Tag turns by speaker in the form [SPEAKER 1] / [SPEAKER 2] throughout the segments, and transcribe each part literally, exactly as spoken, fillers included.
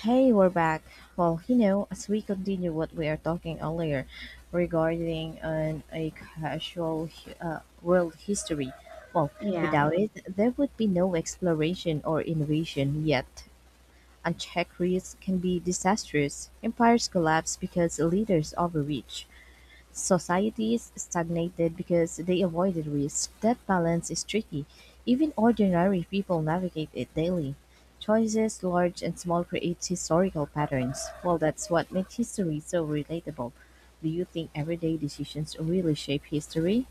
[SPEAKER 1] Hey, we're back. Well, you know, as we continue what we are talking earlier regarding an a casual uh, world history, well,
[SPEAKER 2] Yeah.
[SPEAKER 1] without it, there would be no exploration or innovation. Yet, unchecked risks can be disastrous. Empires collapse because leaders overreach. Societies stagnated because they avoided risk. That balance is tricky. Even ordinary people navigate it daily. Choices, large and small, create historical patterns. Well, that's what makes history so relatable. Do you think everyday decisions really shape history?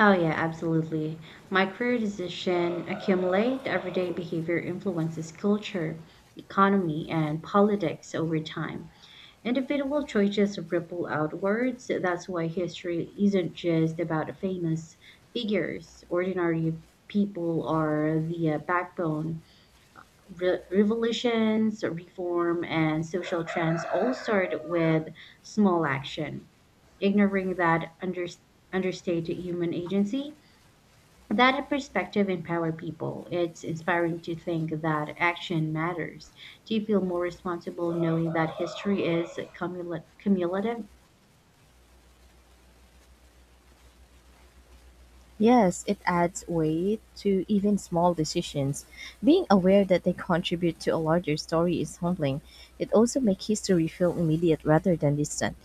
[SPEAKER 2] Oh, yeah, absolutely. My career decision accumulate everyday behavior influences culture, economy, and politics over time. Individual choices ripple outwards. That's why history isn't just about famous figures. Ordinary people are the uh, backbone re- revolutions, reform, and social trends all start with small action. Ignoring that under- understated human agency, that perspective empower people. It's inspiring to think that action matters. Do you feel more responsible knowing that history is cumula- cumulative?
[SPEAKER 1] Yes, it adds weight to even small decisions. Being aware that they contribute to a larger story is humbling. It also makes history feel immediate rather than distant.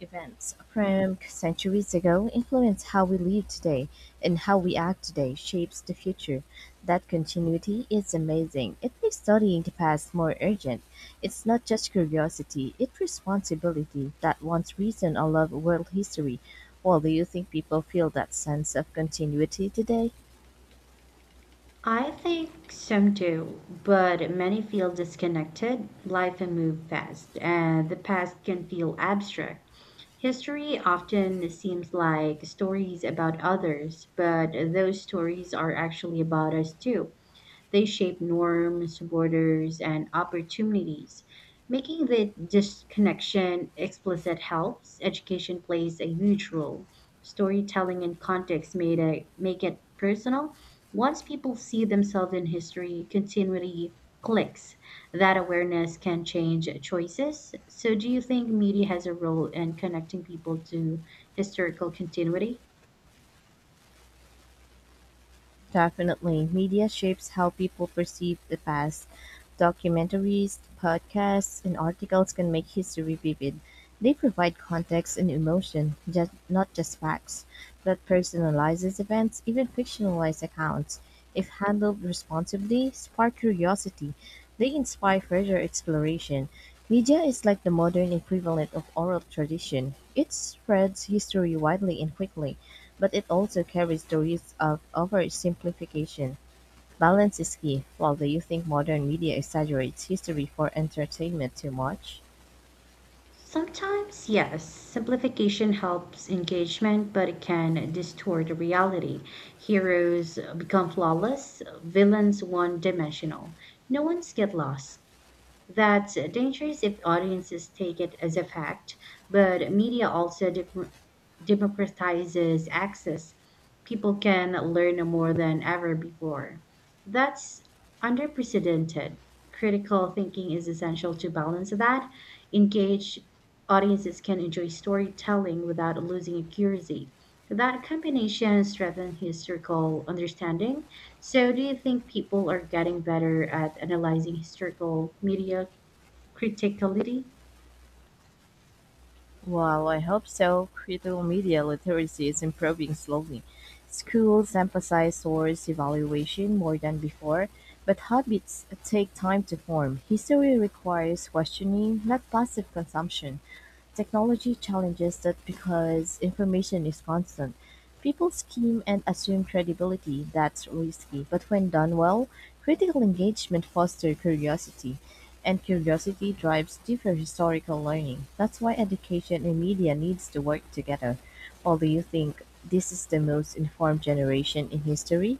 [SPEAKER 1] Events from centuries ago influence how we live today, and how we act today shapes the future. That continuity is amazing. It makes studying the past more urgent. It's not just curiosity, it's responsibility that once reason I love world history. Well, do you think people feel that sense of continuity today?
[SPEAKER 2] I think some do, but many feel disconnected. Life can move fast, and the past can feel abstract. History often seems like stories about others, but those stories are actually about us too. They shape norms, borders, and opportunities. Making the disconnection explicit helps. Education plays a huge role. Storytelling and context made a, make it personal. Once people see themselves in history, continuity clicks. That awareness can change choices. So, do you think media has a role in connecting people to historical continuity?
[SPEAKER 1] Definitely. Media shapes how people perceive the past. Documentaries, podcasts, and articles can make history vivid. They provide context and emotion, just, not just facts. That personalizes events, even fictionalized accounts. If handled responsibly, spark curiosity. They inspire further exploration. Media is like the modern equivalent of oral tradition. It spreads history widely and quickly. But it also carries the risk of oversimplification; balance is key. While do you think modern media exaggerates history for entertainment too much?
[SPEAKER 2] Sometimes, yes, simplification helps engagement, but it can distort reality. Heroes become flawless, villains one dimensional. No ones get lost. That's dangerous if audiences take it as a fact, but media also de- democratizes access. People can learn more than ever before. That's unprecedented. Critical thinking is essential to balance that. Engaged audiences can enjoy storytelling without losing accuracy. That combination strengthens historical understanding. So, do you think people are getting better at analyzing historical media criticality?
[SPEAKER 1] Well, I hope so. Critical media literacy is improving slowly. Schools emphasize source evaluation more than before, but habits take time to form. History requires questioning, not passive consumption. Technology challenges that because information is constant, people scheme and assume credibility. That's risky. But when done well, critical engagement fosters curiosity, and curiosity drives deeper historical learning. That's why education and media needs to work together. Although you think this is the most informed generation in history,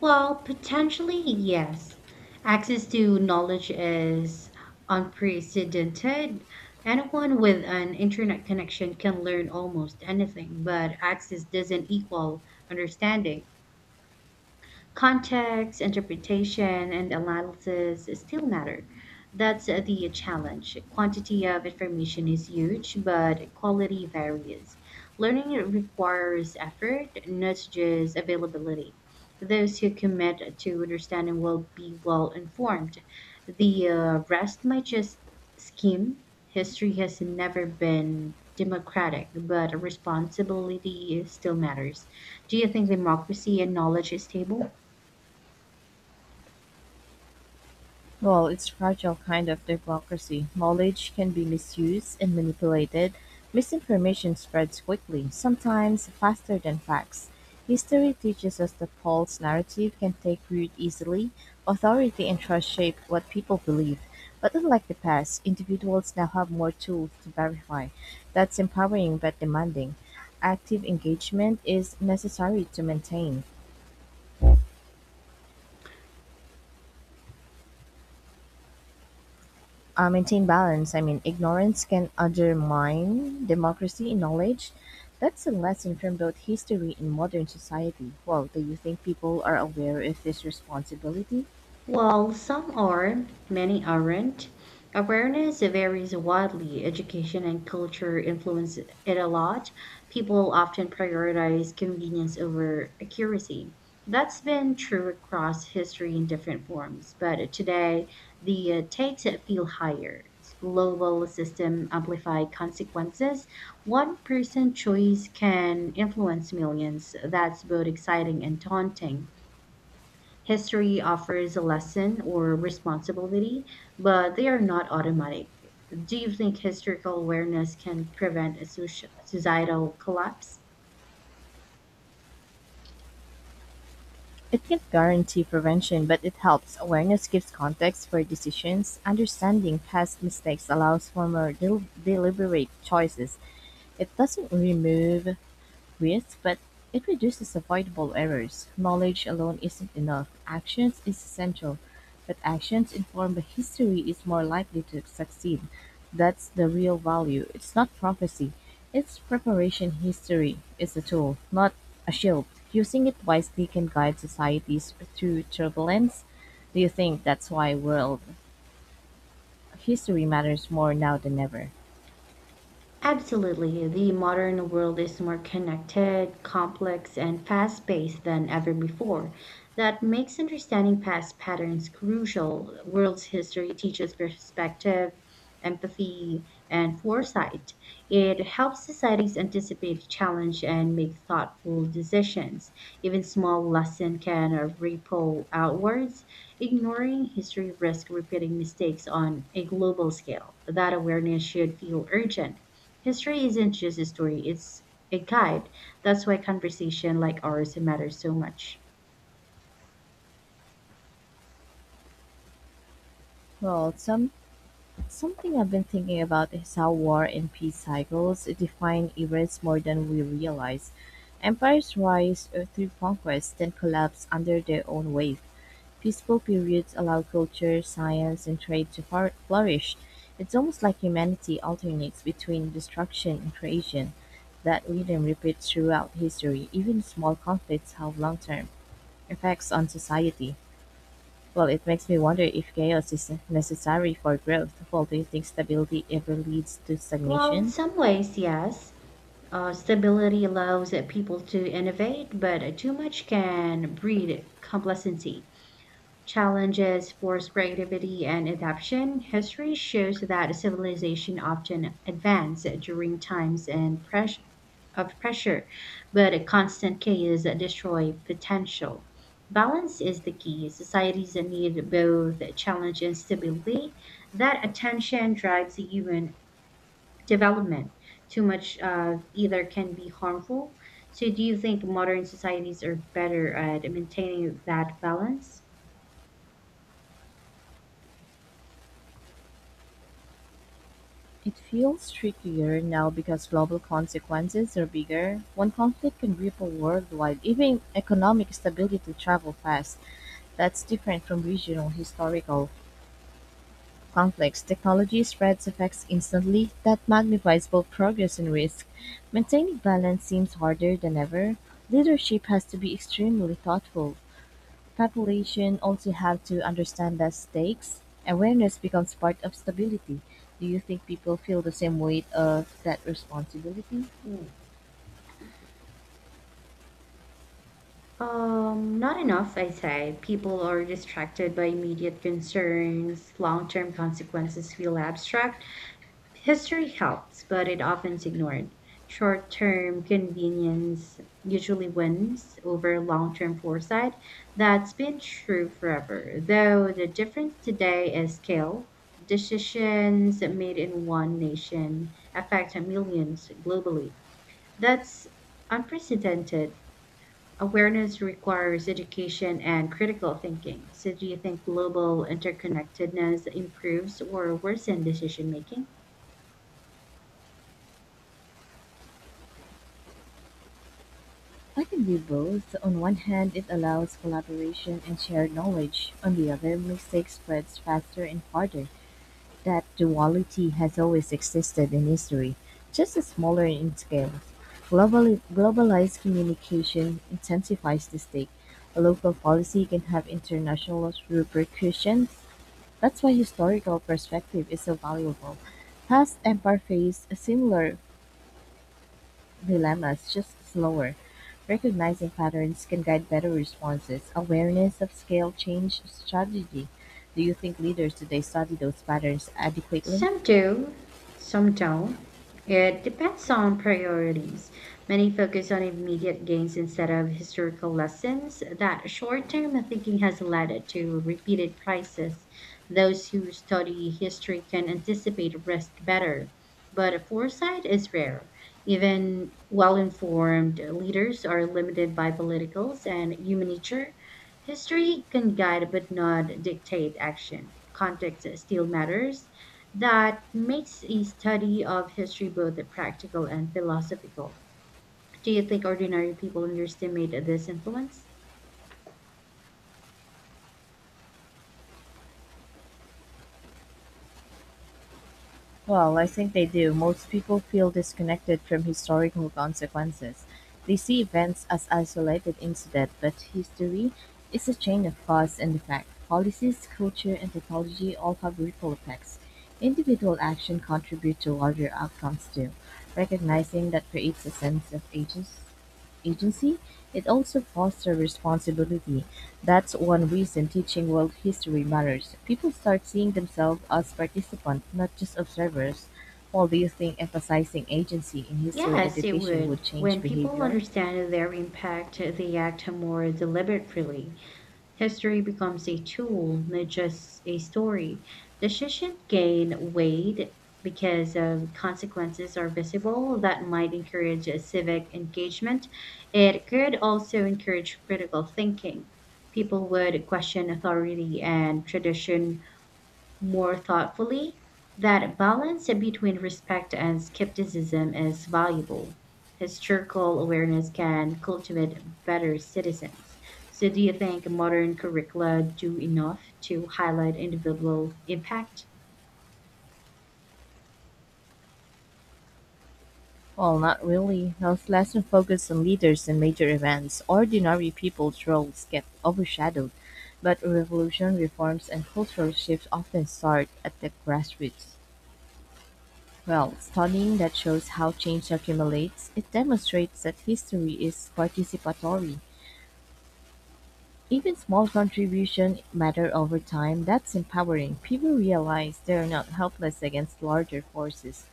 [SPEAKER 2] Well, potentially, yes. Access to knowledge is unprecedented. Anyone with an internet connection can learn almost anything, but access doesn't equal understanding. Context, interpretation, and analysis still matter. That's uh, the challenge. Quantity of information is huge, but quality varies. Learning requires effort, not just availability. Those who commit to understanding will be well informed. The uh, rest might just skim. History has never been democratic, but responsibility still matters. Do you think democracy and knowledge is stable?
[SPEAKER 1] well, it's fragile kind of democracy. Knowledge can be misused and manipulated. Misinformation spreads quickly, sometimes faster than facts. History teaches us that false narrative can take root easily. Authority and trust shape what people believe. But unlike the past, individuals now have more tools to verify. That's empowering but demanding. Active engagement is necessary to maintain uh, maintain balance. I mean, ignorance can undermine democracy in knowledge. That's a lesson from both history and modern society. Well, do you think people are aware of this responsibility?
[SPEAKER 2] While some are, many aren't. Awareness varies widely. Education and culture influence it a lot. People often prioritize convenience over accuracy. That's been true across history in different forms, but today the uh, stakes feel higher. Global system amplify consequences. One person's choice can influence millions. That's both exciting and daunting. History offers a lesson or responsibility, but they are not automatic. Do you think historical awareness can prevent a soci- societal collapse?
[SPEAKER 1] It can't guarantee prevention, but it helps. Awareness gives context for decisions. Understanding past mistakes allows for more del- deliberate choices. It doesn't remove risks, but it reduces avoidable errors. Knowledge alone isn't enough. Actions is essential, but actions informed by history is more likely to succeed. That's the real value. It's not prophecy. It's preparation history is a tool, not a shield. Using it wisely can guide societies through turbulence. Do you think that's why world history matters more now than ever?
[SPEAKER 2] Absolutely. The modern world is more connected, complex, and fast paced than ever before. That makes understanding past patterns crucial. World history teaches perspective, empathy, and foresight. It helps societies anticipate challenge and make thoughtful decisions. Even small lesson can ripple outwards. Ignoring history risks repeating mistakes on a global scale. That awareness should feel urgent. History isn't just a story, it's a guide. That's why conversation like ours matters so much.
[SPEAKER 1] Well, some Something I've been thinking about is how war and peace cycles define events more than we realize. Empires rise uh, through conquest, then collapse under their own weight. Peaceful periods allow culture, science, and trade to far- flourish. It's almost like humanity alternates between destruction and creation. That rhythm repeats throughout history. Even small conflicts have long term effects on society. Well, it makes me wonder if chaos is necessary for growth. Well, do you think stability ever leads to
[SPEAKER 2] Well, in
[SPEAKER 1] stagnation?
[SPEAKER 2] some ways, yes. Uh, stability allows uh, people to innovate, but uh, too much can breed complacency. Challenges force creativity and adaptation, history shows that civilization often advanced during times and press- of pressure, but a constant chaos destroy potential. Balance is the key. Societies need both challenge and stability. That attention drives human development. Too much of either can be harmful. So, do you think modern societies are better at maintaining that balance?
[SPEAKER 1] It feels trickier now because global consequences are bigger. One conflict can ripple worldwide. Even economic stability travel fast. That's different from regional historical conflicts. Technology spreads effects instantly. That magnifies both progress and risk. Maintaining balance seems harder than ever. Leadership has to be extremely thoughtful. Population also have to understand that stakes awareness becomes part of stability. Do you think people feel the same weight of that responsibility?
[SPEAKER 2] Um, not enough, I say. People are distracted by immediate concerns. Long term consequences feel abstract. History helps, but it often ignored. Short term convenience usually wins over long term foresight. That's been true forever, though the difference today is scale. Decisions made in one nation affect millions globally. That's unprecedented. Awareness requires education and critical thinking. So, do you think global interconnectedness improves or worsens decision making?
[SPEAKER 1] I can do both. On one hand, it allows collaboration and shared knowledge. On the other, mistake spreads faster and harder. That duality has always existed in history, just as smaller in scale. Globally, globalized communication intensifies the stake. A local policy can have international repercussions. That's why historical perspective is so valuable. Past empire faced similar dilemmas, just slower. Recognizing patterns can guide better responses. Awareness of scale change strategy. Do you think leaders today study those patterns adequately?
[SPEAKER 2] Some do, some don't. It depends on priorities. Many focus on immediate gains instead of historical lessons. That short term thinking has led to repeated crises. Those who study history can anticipate risk better, but foresight is rare. Even well informed leaders are limited by politicals and human nature. History can guide but not dictate action. Context still matters. That makes a study of history both practical and philosophical. Do you think ordinary people underestimate this influence?
[SPEAKER 1] Well, I think they do. Most people feel disconnected from historical consequences. They see events as isolated incidents, but history is a chain of cause and effect. Policies, culture, and technology all have ripple effects. Individual action contributes to larger outcomes too. Recognizing that creates a sense of agency, agency it also fosters responsibility. That's one reason teaching world history matters. People start seeing themselves as participants, not just observers. Paul, do you think emphasizing agency in history
[SPEAKER 2] Yes, it
[SPEAKER 1] education
[SPEAKER 2] would.
[SPEAKER 1] would change
[SPEAKER 2] When people
[SPEAKER 1] behavior?
[SPEAKER 2] understand their impact, they act more deliberately. History becomes a tool, not just a story. Decisions gain weight because uh, consequences are visible. That might encourage uh, civic engagement. It could also encourage critical thinking. People would question authority and tradition more thoughtfully, that balance between respect and skepticism is valuable. Historical awareness can cultivate better citizens. So, do you think modern curricula do enough to highlight individual impact?
[SPEAKER 1] Well, not really. Most lessons focus on leaders and major events. Ordinary people's roles get overshadowed, but revolution reforms and cultural shifts often start at the grassroots. Well, studying that shows how change accumulates, it demonstrates that history is participatory. Even small contributions matter over time. That's empowering. People realize they're not helpless against larger forces.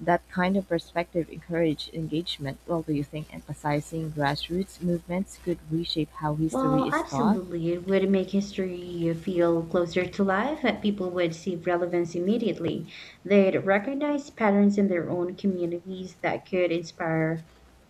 [SPEAKER 1] That kind of perspective encourages engagement. Well, do you think emphasizing grassroots movements could reshape how
[SPEAKER 2] Well,
[SPEAKER 1] history is taught?
[SPEAKER 2] absolutely. It would make history feel closer to life, and people would see relevance immediately. They'd recognize patterns in their own communities that could inspire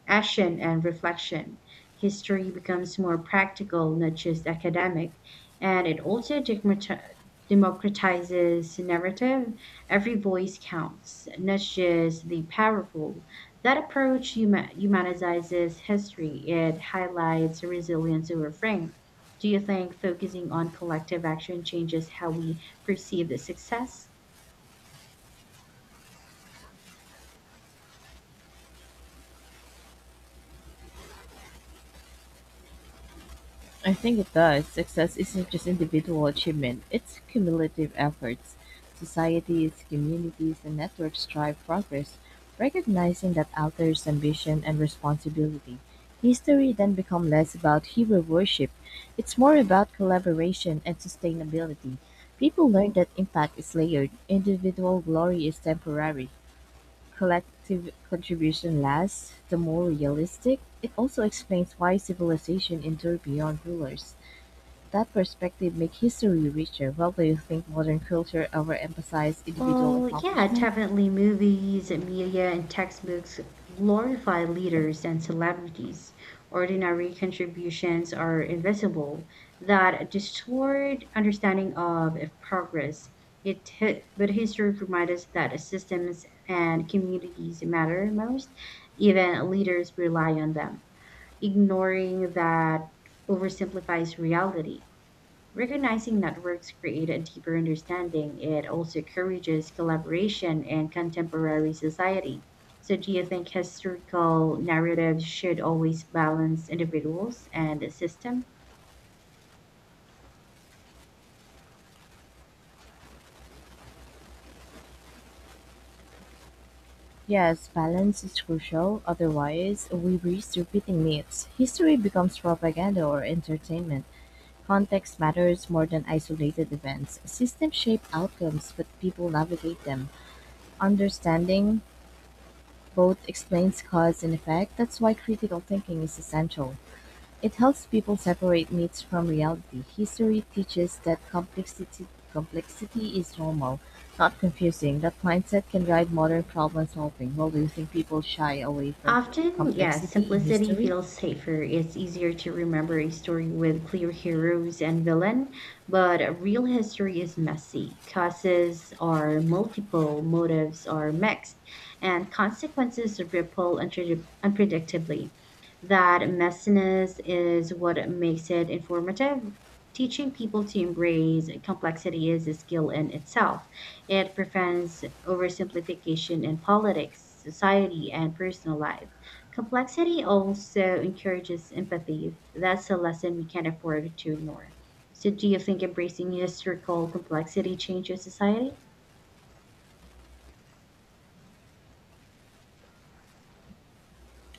[SPEAKER 2] action and reflection. History becomes more practical, not just academic, and it also democrati- democratizes narrative. Every voice counts, not just the powerful. That approach huma- humanizes history, it highlights resilience over frame. Do you think focusing on collective action changes how we perceive the success?
[SPEAKER 1] I think it does. Success isn't just individual achievement, it's cumulative efforts. Societies, communities, and networks drive progress, recognizing that alters ambition and responsibility. History then become less about hero worship. It's more about collaboration and sustainability. People learn that impact is layered, individual glory is temporary, collective contribution lasts, the more realistic. It also explains why civilization endure beyond rulers. That perspective makes history richer. Well, do you think modern culture overemphasizes individual
[SPEAKER 2] Well, yeah,
[SPEAKER 1] accomplishment?
[SPEAKER 2] definitely movies and media and textbooks glorify leaders and celebrities. Ordinary contributions are invisible that distort understanding of progress. It, hi- but history reminds us that systems and communities matter most. Even leaders rely on them. Ignoring that oversimplifies reality. Recognizing networks create a deeper understanding. It also encourages collaboration in contemporary society. So, do you think historical narratives should always balance individuals and the system?
[SPEAKER 1] Yes, balance is crucial. Otherwise, we risk repeating myths. History becomes propaganda or entertainment. Context matters more than isolated events. Systems shape outcomes, but people navigate them. Understanding both explains cause and effect. That's why critical thinking is essential. It helps people separate myths from reality. History teaches that complexity complexity is normal, not confusing. That mindset can guide modern problem solving. Well, do you think people shy away from
[SPEAKER 2] Often, yes,
[SPEAKER 1] complexity in
[SPEAKER 2] simplicity
[SPEAKER 1] history?
[SPEAKER 2] feels safer. It's easier to remember a story with clear heroes and villain, but real history is messy. Causes are multiple, motives are mixed, and consequences ripple unpre- unpredictably. That messiness is what makes it informative. Teaching people to embrace complexity is a skill in itself. It prevents oversimplification in politics, society, and personal life. Complexity also encourages empathy. That's a lesson we can't afford to ignore. So, do you think embracing historical complexity changes society?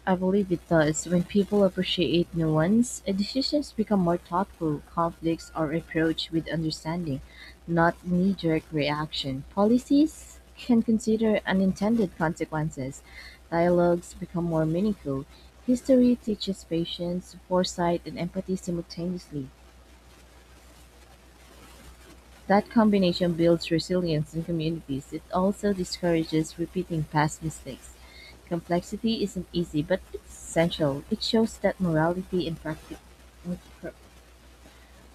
[SPEAKER 1] I believe it does. When people appreciate nuance, uh, decisions become more thoughtful. Conflicts are approached with understanding, not knee jerk reaction. Policies can consider unintended consequences. Dialogues become more meaningful. History teaches patience, foresight, and empathy simultaneously. That combination builds resilience in communities; it also discourages repeating past mistakes. Complexity isn't easy, but it's essential. It shows that morality and practic-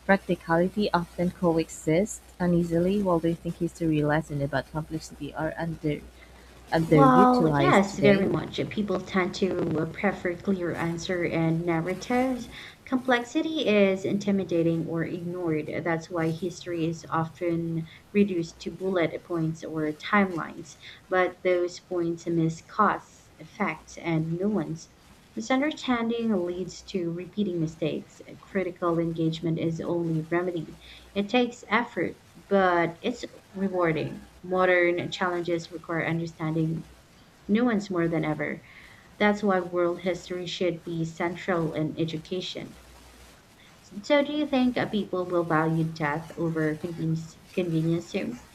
[SPEAKER 1] practicality often coexist uneasily, while do think history lessons about complexity are under
[SPEAKER 2] Well,
[SPEAKER 1] underutilized
[SPEAKER 2] yes, very
[SPEAKER 1] today?
[SPEAKER 2] much. People tend to uh, prefer clear answer and narratives. Complexity is intimidating or ignored. That's why history is often reduced to bullet points or timelines. But those points miss cause, effects, and nuance. Misunderstanding leads to repeating mistakes. Critical engagement is only remedy. It takes effort, but it's rewarding. Modern challenges require understanding nuance more than ever. That's why world history should be central in education. So, do you think uh, people will value depth over convenience, convenience soon?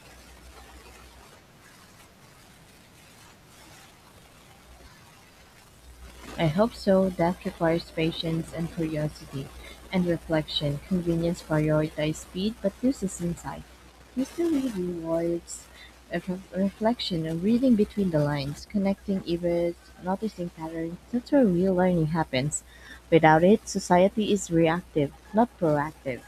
[SPEAKER 1] I hope so, that requires patience and curiosity and reflection. Convenience prioritizes speed, but this is insight. Mystery rewards of ref- reflection and reading between the lines, connecting events, noticing patterns. That's where real learning happens. Without it, society is reactive, not proactive.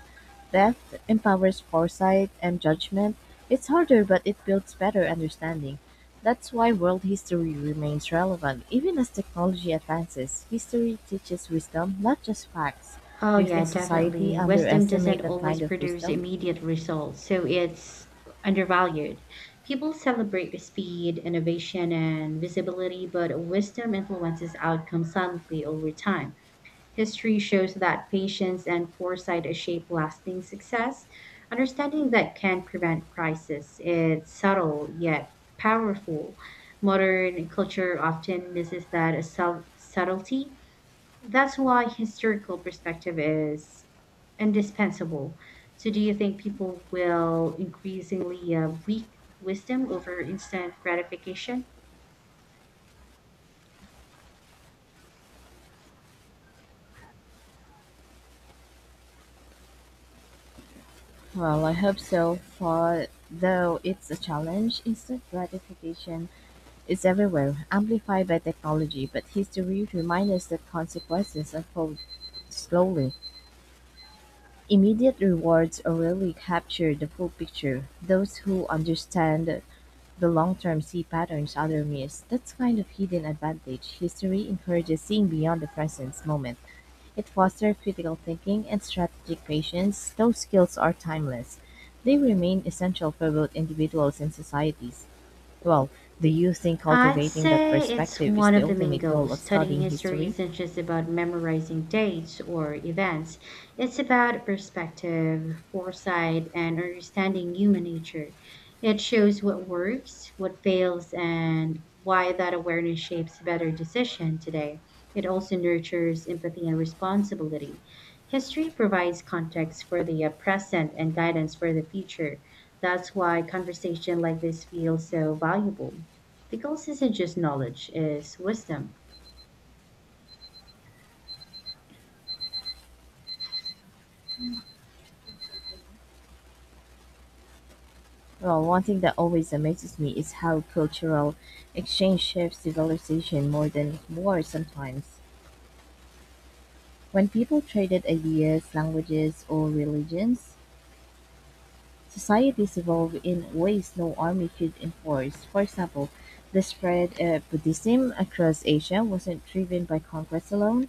[SPEAKER 1] Depth empowers foresight and judgment. It's harder, but it builds better understanding. That's why world history remains relevant. Even as technology advances, history teaches wisdom, not just facts.
[SPEAKER 2] Oh,
[SPEAKER 1] Do you
[SPEAKER 2] yeah,
[SPEAKER 1] think society
[SPEAKER 2] definitely. Wisdom doesn't
[SPEAKER 1] underestimates that
[SPEAKER 2] always
[SPEAKER 1] kind of
[SPEAKER 2] produce
[SPEAKER 1] wisdom?
[SPEAKER 2] immediate results, so it's undervalued. People celebrate speed, innovation, and visibility, but wisdom influences outcomes silently over time. History shows that patience and foresight shape lasting success. Understanding that can prevent crisis. It's subtle yet powerful. Modern culture often misses that sub- subtlety. That's why historical perspective is indispensable. So, do you think people will increasingly uh, seek wisdom over instant gratification?
[SPEAKER 1] Well, I hope so, for though it's a challenge, instant gratification is everywhere, amplified by technology, but history reminds us that consequences unfold slowly. Immediate rewards rarely capture the full picture. Those who understand the long-term see patterns others miss. That's kind of hidden advantage. History encourages seeing beyond the present moment. It fosters critical thinking and strategic patience. Those skills are timeless. They remain essential for both individuals and societies. Well, do you think
[SPEAKER 2] I'd
[SPEAKER 1] cultivating that
[SPEAKER 2] say it's
[SPEAKER 1] perspective is
[SPEAKER 2] one
[SPEAKER 1] the
[SPEAKER 2] of the main
[SPEAKER 1] ultimate goal
[SPEAKER 2] goals.
[SPEAKER 1] of
[SPEAKER 2] Studying
[SPEAKER 1] studying
[SPEAKER 2] history
[SPEAKER 1] history?
[SPEAKER 2] isn't just about memorizing dates or events, it's about perspective, foresight, and understanding human nature. It shows what works, what fails, and why that awareness shapes better decision today. It also nurtures empathy and responsibility. History provides context for the uh, present and guidance for the future. That's why conversation like this feels so valuable. The goal isn't just knowledge, it's wisdom.
[SPEAKER 1] Well, one thing that always amazes me is how cultural exchange shapes civilization more than war sometimes. When people traded ideas, languages, or religions, societies evolved in ways no army could enforce. For example, the spread of Buddhism across Asia wasn't driven by conquest alone,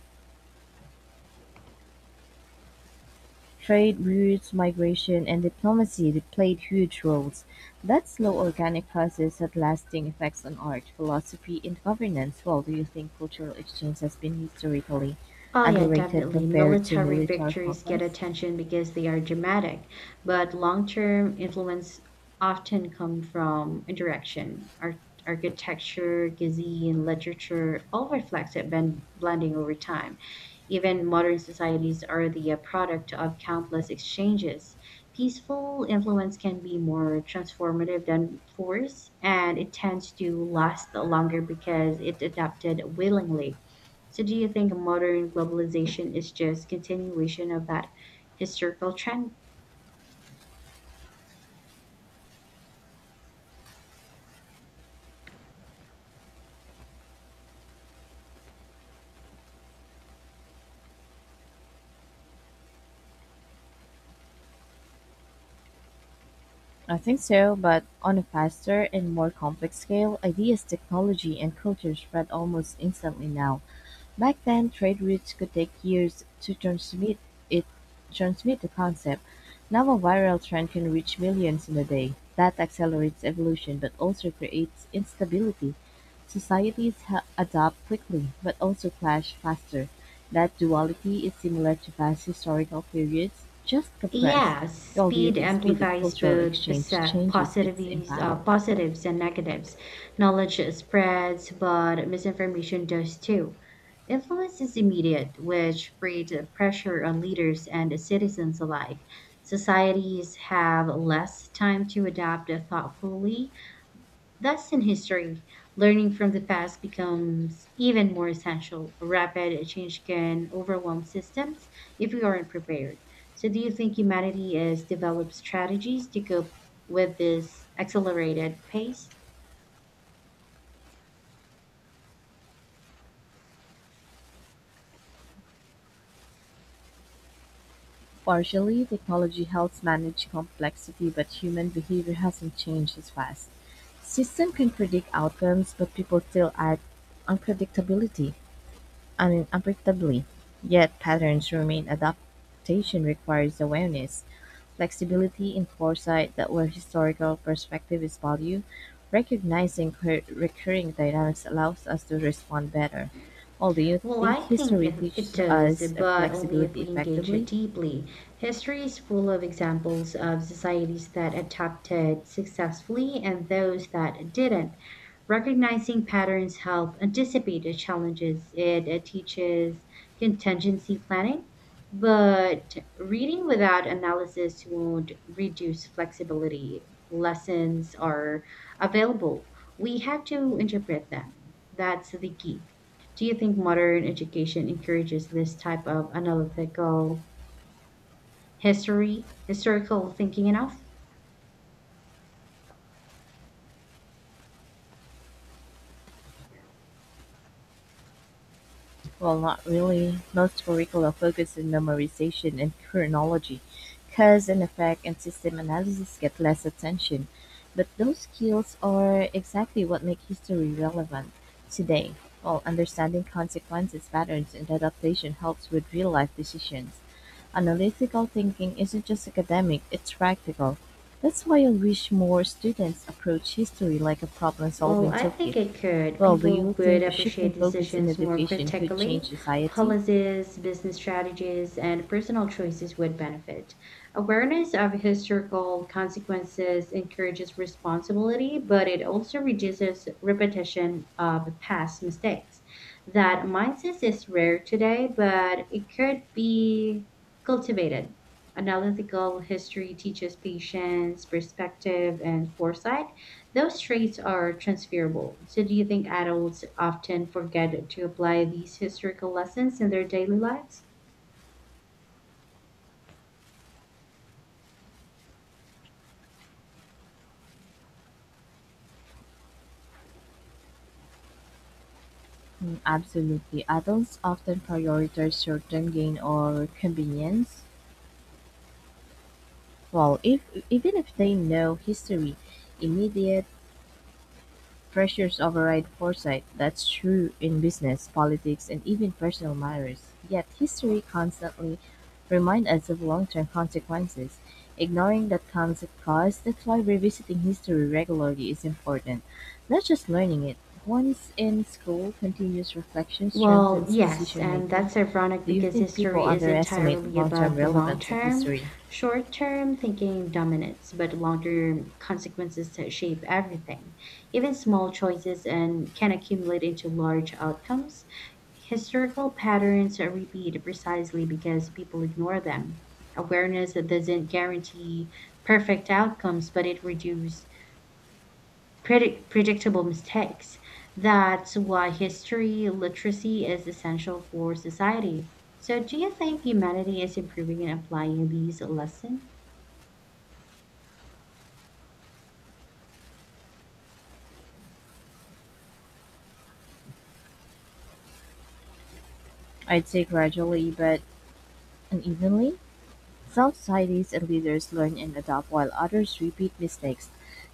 [SPEAKER 1] trade routes, migration, and diplomacy that played huge roles; that slow organic process had lasting effects on art, philosophy, and governance. Well, do you think cultural exchange has been historically
[SPEAKER 2] Oh, yeah,
[SPEAKER 1] underrated
[SPEAKER 2] definitely.
[SPEAKER 1] compared to
[SPEAKER 2] Military
[SPEAKER 1] military
[SPEAKER 2] victories get
[SPEAKER 1] conquest?
[SPEAKER 2] attention because they are dramatic, but long-term influence often come from interaction, art, architecture, cuisine, literature, all reflects it ben- blending over time. Even modern societies are the uh, product of countless exchanges. Peaceful influence can be more transformative than force, and it tends to last longer because it adapted willingly. So do you think modern globalization is just continuation of that historical trend?
[SPEAKER 1] I think so, but on a faster and more complex scale, ideas, technology, and culture spread almost instantly now. Back then, trade routes could take years to transmit it, transmit the concept. Now a viral trend can reach millions in a day. That accelerates evolution but also creates instability. Societies ha- adapt quickly but also clash faster. That duality is similar to past historical periods, just compressed.
[SPEAKER 2] Yeah,
[SPEAKER 1] While do you
[SPEAKER 2] speed
[SPEAKER 1] think speed of
[SPEAKER 2] amplifies
[SPEAKER 1] cultural
[SPEAKER 2] both
[SPEAKER 1] exchange
[SPEAKER 2] posi-
[SPEAKER 1] changes its
[SPEAKER 2] positives,
[SPEAKER 1] impact?
[SPEAKER 2] uh, positives and negatives. Knowledge spreads, but misinformation does too. Influence is immediate, which creates a pressure on leaders and citizens alike. Societies have less time to adapt thoughtfully. Thus, in history, learning from the past becomes even more essential. Rapid change can overwhelm systems if we aren't prepared. So, do you think humanity has developed strategies to cope with this accelerated pace?
[SPEAKER 1] Partially, technology helps manage complexity, but human behavior hasn't changed as fast. System can predict outcomes, but people still act unpredictability. I mean, unpredictably. Yet patterns remain. Adaptation requires awareness, flexibility, and foresight that where historical perspective is value. Recognizing cur- recurring dynamics allows us to respond better. Well, do you
[SPEAKER 2] Well, I
[SPEAKER 1] think
[SPEAKER 2] think
[SPEAKER 1] history
[SPEAKER 2] it it
[SPEAKER 1] teaches
[SPEAKER 2] does,
[SPEAKER 1] us uh,
[SPEAKER 2] but only if
[SPEAKER 1] flexibility
[SPEAKER 2] we engage it
[SPEAKER 1] effectively?
[SPEAKER 2] deeply. History is full of examples of societies that adapted successfully and those that didn't. Recognizing patterns help anticipate the challenges. It uh, teaches contingency planning, but reading without analysis won't reduce flexibility. Lessons are available. We have to interpret them. That's the key. Do you think modern education encourages this type of analytical history, historical thinking enough?
[SPEAKER 1] Well, not really. Most curricula focus on memorization and chronology. Cause and effect and system analysis get less attention. But those skills are exactly what make history relevant today. While understanding consequences, patterns, and adaptation helps with real life decisions. Analytical thinking isn't just academic, it's practical. That's why I wish more students approach history like a problem
[SPEAKER 2] Well,
[SPEAKER 1] solving
[SPEAKER 2] I think
[SPEAKER 1] toolkit
[SPEAKER 2] it could.
[SPEAKER 1] well, do
[SPEAKER 2] People
[SPEAKER 1] you
[SPEAKER 2] would
[SPEAKER 1] think shifting
[SPEAKER 2] appreciate
[SPEAKER 1] focus in
[SPEAKER 2] decisions more
[SPEAKER 1] education could change
[SPEAKER 2] critically.
[SPEAKER 1] society?
[SPEAKER 2] Policies, business strategies, and personal choices would benefit. Awareness of historical consequences encourages responsibility, but it also reduces repetition of past mistakes. That mindset is rare today, but it could be cultivated. Analytical history teaches patience, perspective, and foresight. Those traits are transferable. So, do you think adults often forget to apply these historical lessons in their daily lives?
[SPEAKER 1] Mm, Absolutely. Adults often prioritize short-term gain or convenience. Well, if even if they know history, immediate pressures override foresight, that's true in business, politics, and even personal matters. Yet history constantly reminds us of long-term consequences. Ignoring that concept cost, that's why revisiting history regularly is important. Not just learning it. Once in school, continuous reflection
[SPEAKER 2] Well,
[SPEAKER 1] strengthens
[SPEAKER 2] yes,
[SPEAKER 1] decision
[SPEAKER 2] and
[SPEAKER 1] making.
[SPEAKER 2] that's ironic
[SPEAKER 1] Do you
[SPEAKER 2] because
[SPEAKER 1] think people
[SPEAKER 2] history is
[SPEAKER 1] underestimate the
[SPEAKER 2] entirely
[SPEAKER 1] long-term
[SPEAKER 2] about the long
[SPEAKER 1] relevance of
[SPEAKER 2] term.
[SPEAKER 1] history?
[SPEAKER 2] Short term thinking dominates, but longer consequences that shape everything. Even small choices and can accumulate into large outcomes. Historical patterns are repeated precisely because people ignore them. Awareness that doesn't guarantee perfect outcomes, but it reduces predict- predictable mistakes. That's why history literacy is essential for society. So, do you think humanity is improving in applying these lessons?
[SPEAKER 1] I'd say gradually, but unevenly. Some societies and leaders learn and adopt while others repeat mistakes.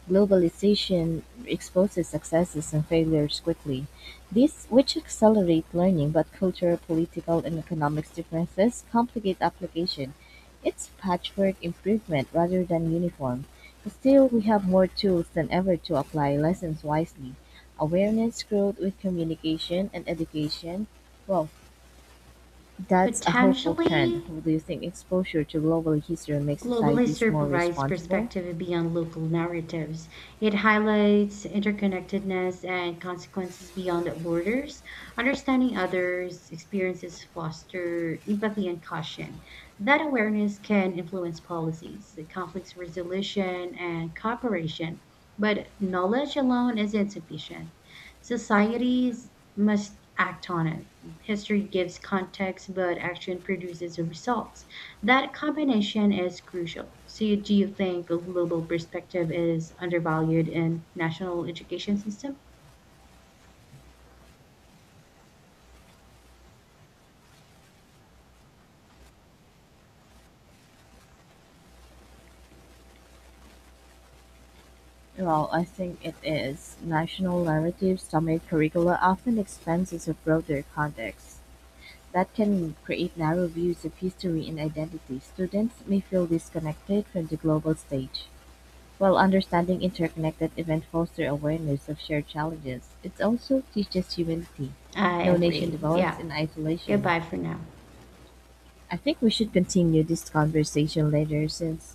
[SPEAKER 1] Globalization exposes successes and failures quickly, these which accelerate learning, but cultural, political, and economic differences complicate application. It's patchwork improvement rather than uniform. But still, we have more tools than ever to apply lessons wisely. Awareness growth with communication and education. Well, that's a hopeful trend.
[SPEAKER 2] Potentially,
[SPEAKER 1] Do you think exposure to global history makes
[SPEAKER 2] globally
[SPEAKER 1] societies more
[SPEAKER 2] supervised
[SPEAKER 1] responsible?
[SPEAKER 2] perspective beyond local narratives. It highlights interconnectedness and consequences beyond borders. Understanding others' experiences foster empathy and caution. That awareness can influence policies, conflicts resolution, and cooperation. But knowledge alone is insufficient. Societies must act on it. History gives context, but action produces results. That combination is crucial. So, do you think a global perspective is undervalued in national education system?
[SPEAKER 1] Well, I think it is. National narratives dominate curricula often expenses of broader context. That can create narrow views of history and identity. Students may feel disconnected from the global stage. While understanding interconnected events foster awareness of shared challenges, it also teaches humility.
[SPEAKER 2] I
[SPEAKER 1] No nation
[SPEAKER 2] agree.
[SPEAKER 1] develops
[SPEAKER 2] Yeah.
[SPEAKER 1] in isolation.
[SPEAKER 2] Goodbye for now.
[SPEAKER 1] I think we should continue this conversation later since